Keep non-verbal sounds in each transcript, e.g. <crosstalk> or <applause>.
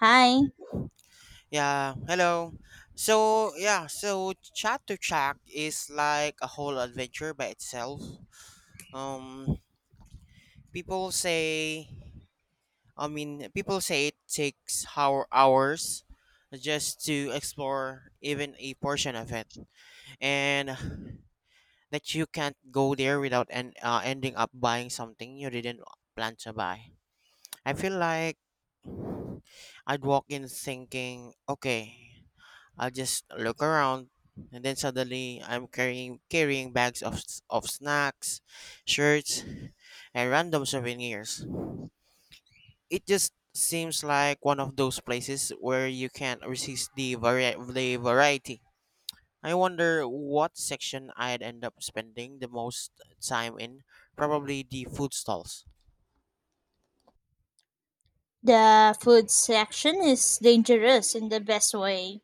Hi. Yeah, hello. So, yeah, so Chat to Chat is like a whole adventure by itself. Um, people say, I mean, people say it takes hour hours just to explore even a portion of it, and that you can't go there without and ending up buying something you didn't plan to buy. I feel like I'd walk in thinking, okay. I'll just look around and then suddenly I'm carrying bags of of snacks, shirts, and random souvenirs. It just seems like one of those places where you can't resist the the variety. I wonder what section I'd end up spending the most time in. Probably the food stalls. The food section is dangerous in the best way.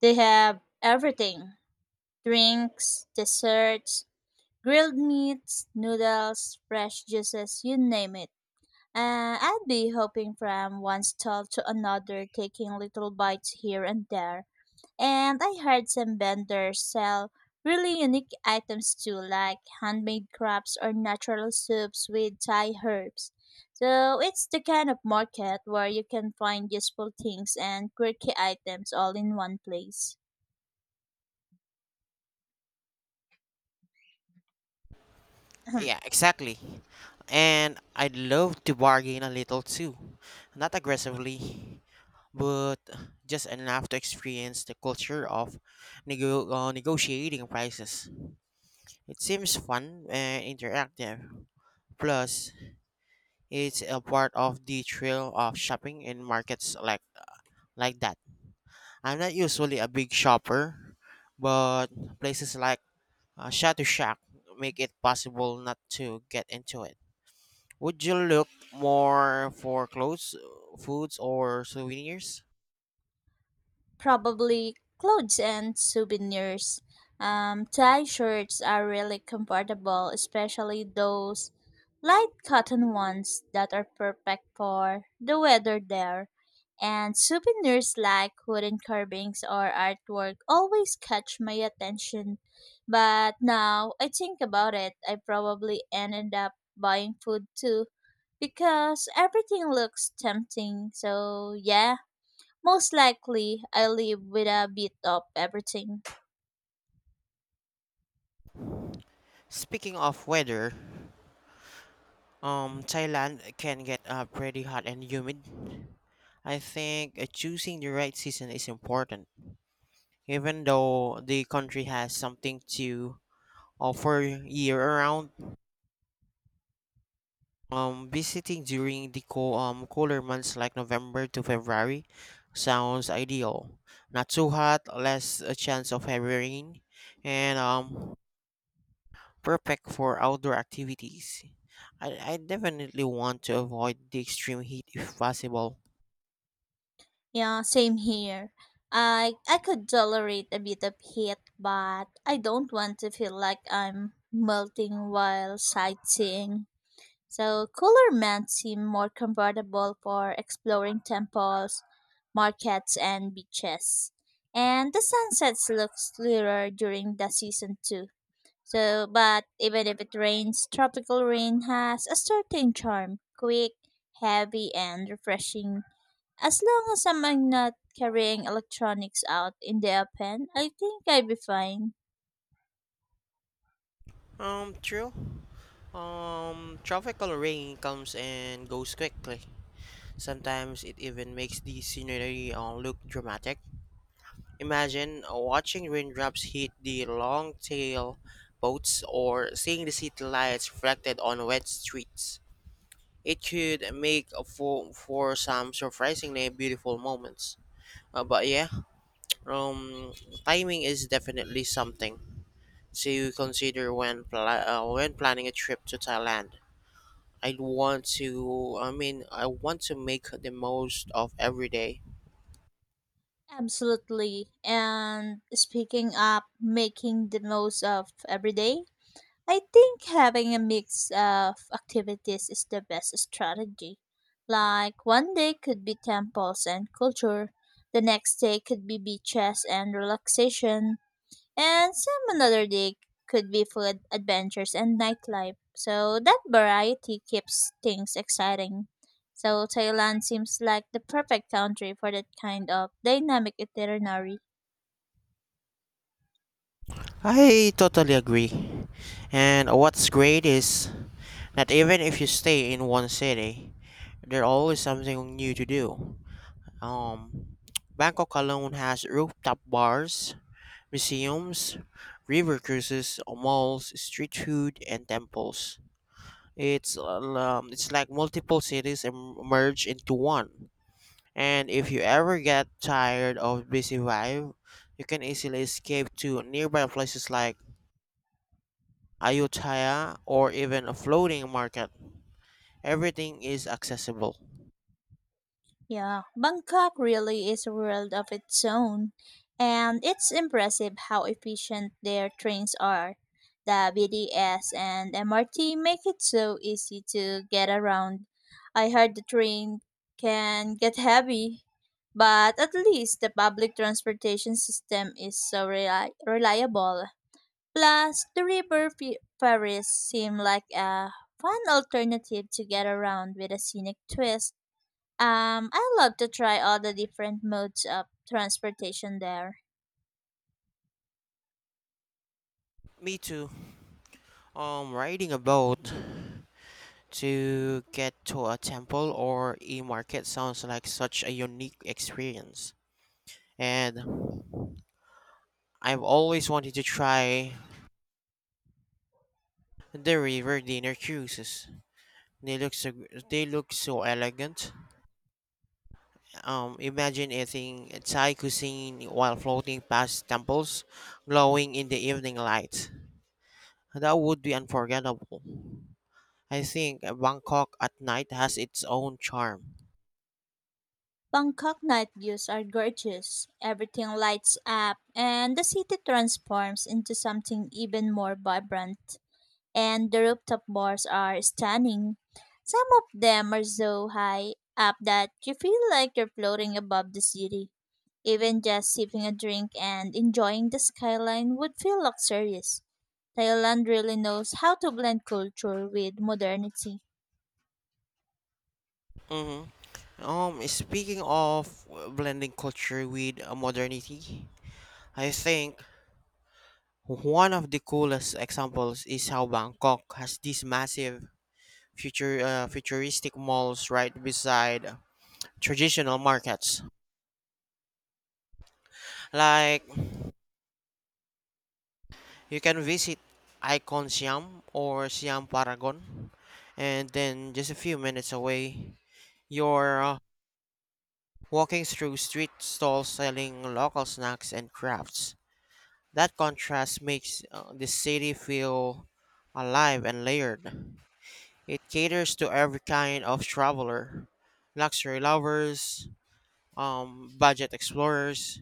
They have everything: drinks, desserts, grilled meats, noodles, fresh juices, you name it. I'd be hopping from one stall to another, taking little bites here and there. And I heard some vendors sell really unique items too, like handmade crafts or natural soups with Thai herbs. So it's the kind of market where you can find useful things and quirky items all in one place. <laughs> Yeah, <clears throat> exactly. And I'd love to bargain a little too. Not aggressively, but just enough to experience the culture of negotiating prices. It seems fun and interactive. Plus, it's a part of the thrill of shopping in markets like that. I'm not usually a big shopper, but places like Shadow Shack make it possible not to get into it. Would you look more for clothes, foods, or souvenirs? Probably clothes and souvenirs. Tie shirts are really comfortable, especially those light cotton ones that are perfect for the weather there. And souvenirs like wooden carvings or artwork always catch my attention. But now I think about it, I probably ended up buying food too because everything looks tempting. So, yeah, most likely, I live with a bit of everything. Speaking of weather, Thailand can get pretty hot and humid. I think choosing the right season is important. Even though the country has something to offer year-round, visiting during the cooler months like November to February sounds ideal. Not too hot, less a chance of heavy rain, and perfect for outdoor activities. I definitely want to avoid the extreme heat if possible. Yeah, same here. I could tolerate a bit of heat, but I don't want to feel like I'm melting while sightseeing. So cooler men seem more comfortable for exploring temples, markets, and beaches. And the sunsets look clearer during the season too. So, but even if it rains, tropical rain has a certain charm: quick, heavy, and refreshing. As long as I'm not carrying electronics out in the open, I think I'd be fine. True. Tropical rain comes and goes quickly. Sometimes it even makes the scenery look dramatic. Imagine watching raindrops hit the long tail boats or seeing the city lights reflected on wet streets. It could make for some surprisingly beautiful moments. But um, timing is definitely something to consider when when planning a trip to Thailand. I want to, I mean, I want to make the most of every day. Absolutely. And speaking up, making the most of every day, I think having a mix of activities is the best strategy. Like one day could be temples and culture, the next day could be beaches and relaxation, and some another day could be food, adventures, and nightlife. So that variety keeps things exciting. So Thailand seems like the perfect country for that kind of dynamic itinerary. I totally agree. And what's great is that even if you stay in one city, there's always something new to do. Um, Bangkok alone has rooftop bars, museums, river cruises, malls, street food, and temples. It's like multiple cities merge into one. And if you ever get tired of busy vibe, you can easily escape to nearby places like Ayutthaya or even a floating market. Everything is accessible. Yeah, Bangkok really is a world of its own, and it's impressive how efficient their trains are. The BTS and MRT make it so easy to get around. I heard the train can get heavy, but at least the public transportation system is so reliable. Plus, the ferries seem like a fun alternative to get around with a scenic twist. I love to try all the different modes of transportation there. Me too. Riding a boat to get to a temple or a market sounds like such a unique experience. And I've always wanted to try the river dinner cruises. They look so, they look so elegant. Imagine eating Thai cuisine while floating past temples glowing in the evening light. That would be unforgettable. I think Bangkok at night has its own charm. Bangkok night views are gorgeous. Everything lights up, and the city transforms into something even more vibrant, and the rooftop bars are stunning. Some of them are so high up that you feel like you're floating above the city. Even just sipping a drink and enjoying the skyline would feel luxurious. Thailand really knows how to blend culture with modernity. hmm Speaking of blending culture with modernity, I think one of the coolest examples is how Bangkok has these massive future futuristic malls right beside traditional markets. Like you can visit Icon Siam or Siam Paragon, and then just a few minutes away, you're walking through street stalls selling local snacks and crafts. That contrast makes the city feel alive and layered. It caters to every kind of traveler, luxury lovers, budget explorers,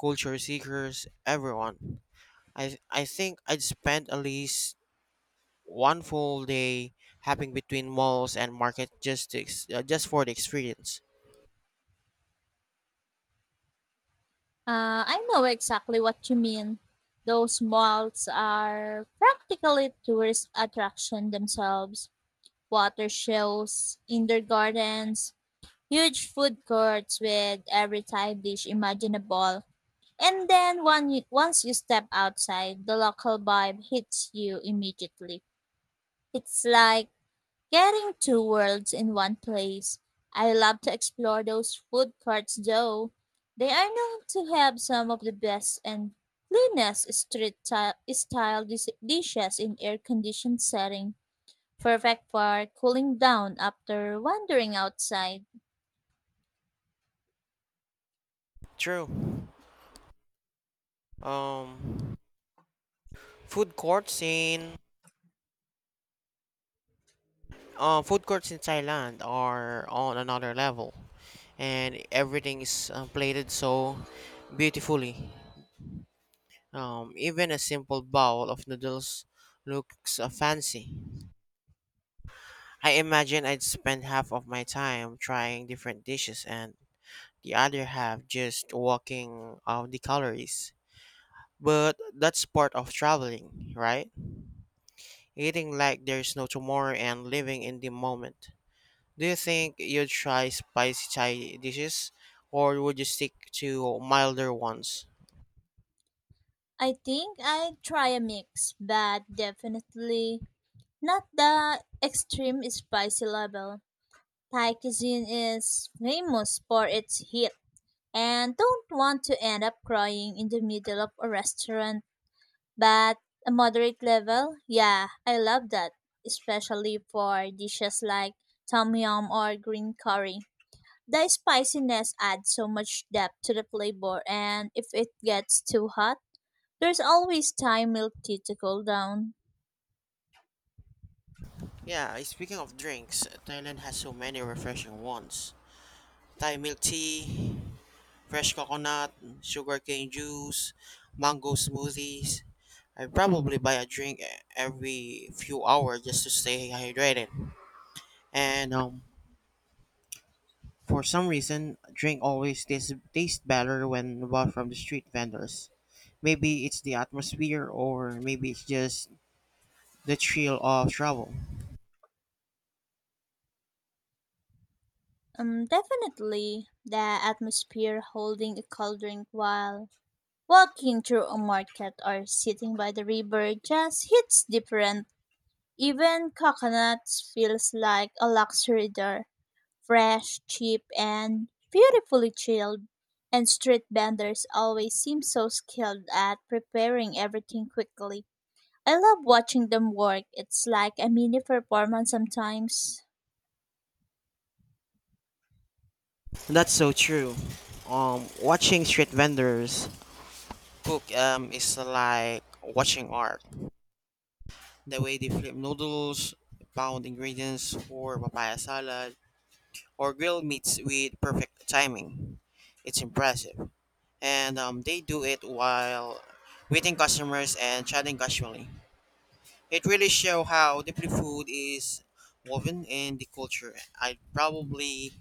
culture seekers, everyone. I think I'd spend at least one full day hopping between malls and markets just to just for the experience. I know exactly what you mean. Those malls are practically tourist attraction themselves. Water shows, indoor gardens, huge food courts with every Thai dish imaginable. And then once you step outside, the local vibe hits you immediately. It's like getting two worlds in one place. I love to explore those food courts though. They are known to have some of the best and cleanest style dishes in air conditioned setting, perfect for cooling down after wandering outside. True. Um, food courts in Food courts in Thailand are on another level, and everything is plated so beautifully. Even a simple bowl of noodles looks fancy. I imagine I'd spend half of my time trying different dishes and the other half just walking off the calories. But that's part of traveling, right? Eating like there's no tomorrow and living in the moment. Do you think you'd try spicy Thai dishes or would you stick to milder ones? I think I'd try a mix, but definitely not the extreme spicy level. Thai cuisine is famous for its heat, and don't want to end up crying in the middle of a restaurant. But a moderate level, yeah, I love that, especially for dishes like tom yum or green curry. The spiciness adds so much depth to the flavor, and if it gets too hot, there's always Thai milk tea to cool down. Yeah, speaking of drinks, Thailand has so many refreshing ones. Thai milk tea, fresh coconut, sugarcane juice, mango smoothies. I probably buy a drink every few hours just to stay hydrated. And for some reason, drink always tastes better when bought from the street vendors. Maybe it's the atmosphere, or maybe it's just the thrill of travel. Definitely the atmosphere: holding a cold drink while walking through a market or sitting by the river just hits different. Even coconuts feels like a luxury there. Fresh, cheap, and beautifully chilled. And street vendors always seem so skilled at preparing everything quickly. I love watching them work. It's like a mini performance sometimes. That's so true. Watching street vendors cook is like watching art. The way they flip noodles, pound ingredients for papaya salad, or grill meats with perfect timing. It's impressive. And they do it while greeting customers and chatting casually. It really show how deeply food is woven in the culture. I'd probably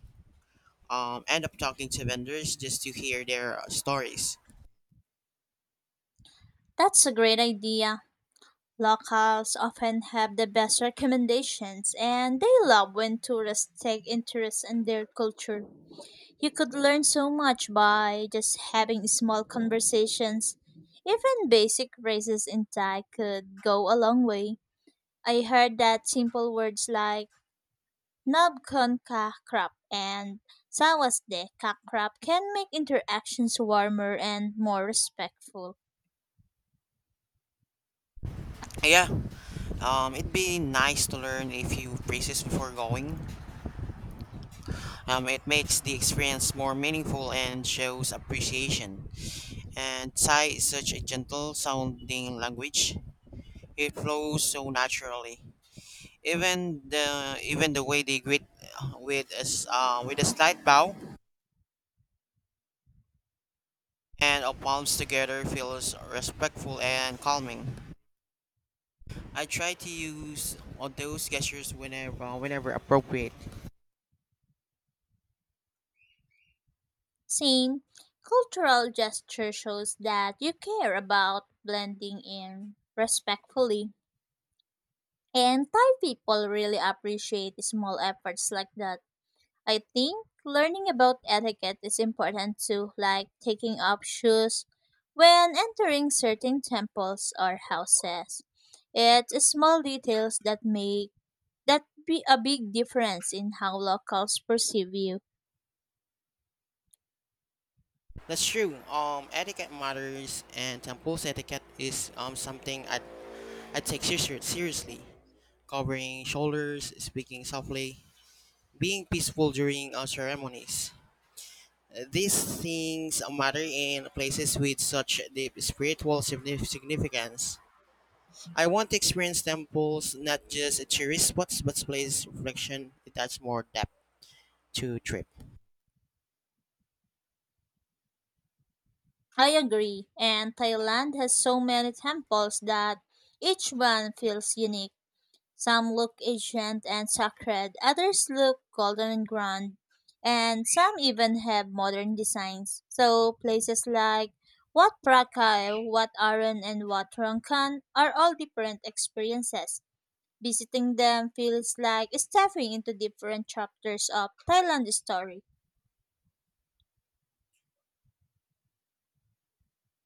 end up talking to vendors just to hear their stories. That's a great idea. Locals often have the best recommendations and they love when tourists take interest in their culture. You could learn so much by just having small conversations. Even basic phrases in Thai could go a long way. I heard that simple words like "nab kon ka krap" and "sawas de ka krap" can make interactions warmer and more respectful. Yeah, it'd be nice to learn a few phrases before going. It makes the experience more meaningful and shows appreciation. And Thai is such a gentle sounding language. It flows so naturally. Even the way they greet with a slight bow and of palms together feels respectful and calming. I try to use all those gestures whenever appropriate. Same. Cultural gesture shows that you care about blending in respectfully. And Thai people really appreciate small efforts like that. I think learning about etiquette is important too, like taking off shoes when entering certain temples or houses. It's small details that make that be a big difference in how locals perceive you. That's true. Etiquette matters, and temples etiquette is something I take seriously. Covering shoulders, speaking softly, being peaceful during ceremonies. These things matter in places with such deep spiritual significance. I want to experience temples not just a tourist spots, but place reflection. It adds more depth to trip. I agree, and Thailand has so many temples that each one feels unique. Some look ancient and sacred, others look golden and grand, and some even have modern designs. So places like Wat Prakai, Wat Aran, and Wat Rangkhan are all different experiences. Visiting them feels like stepping into different chapters of Thailand's story.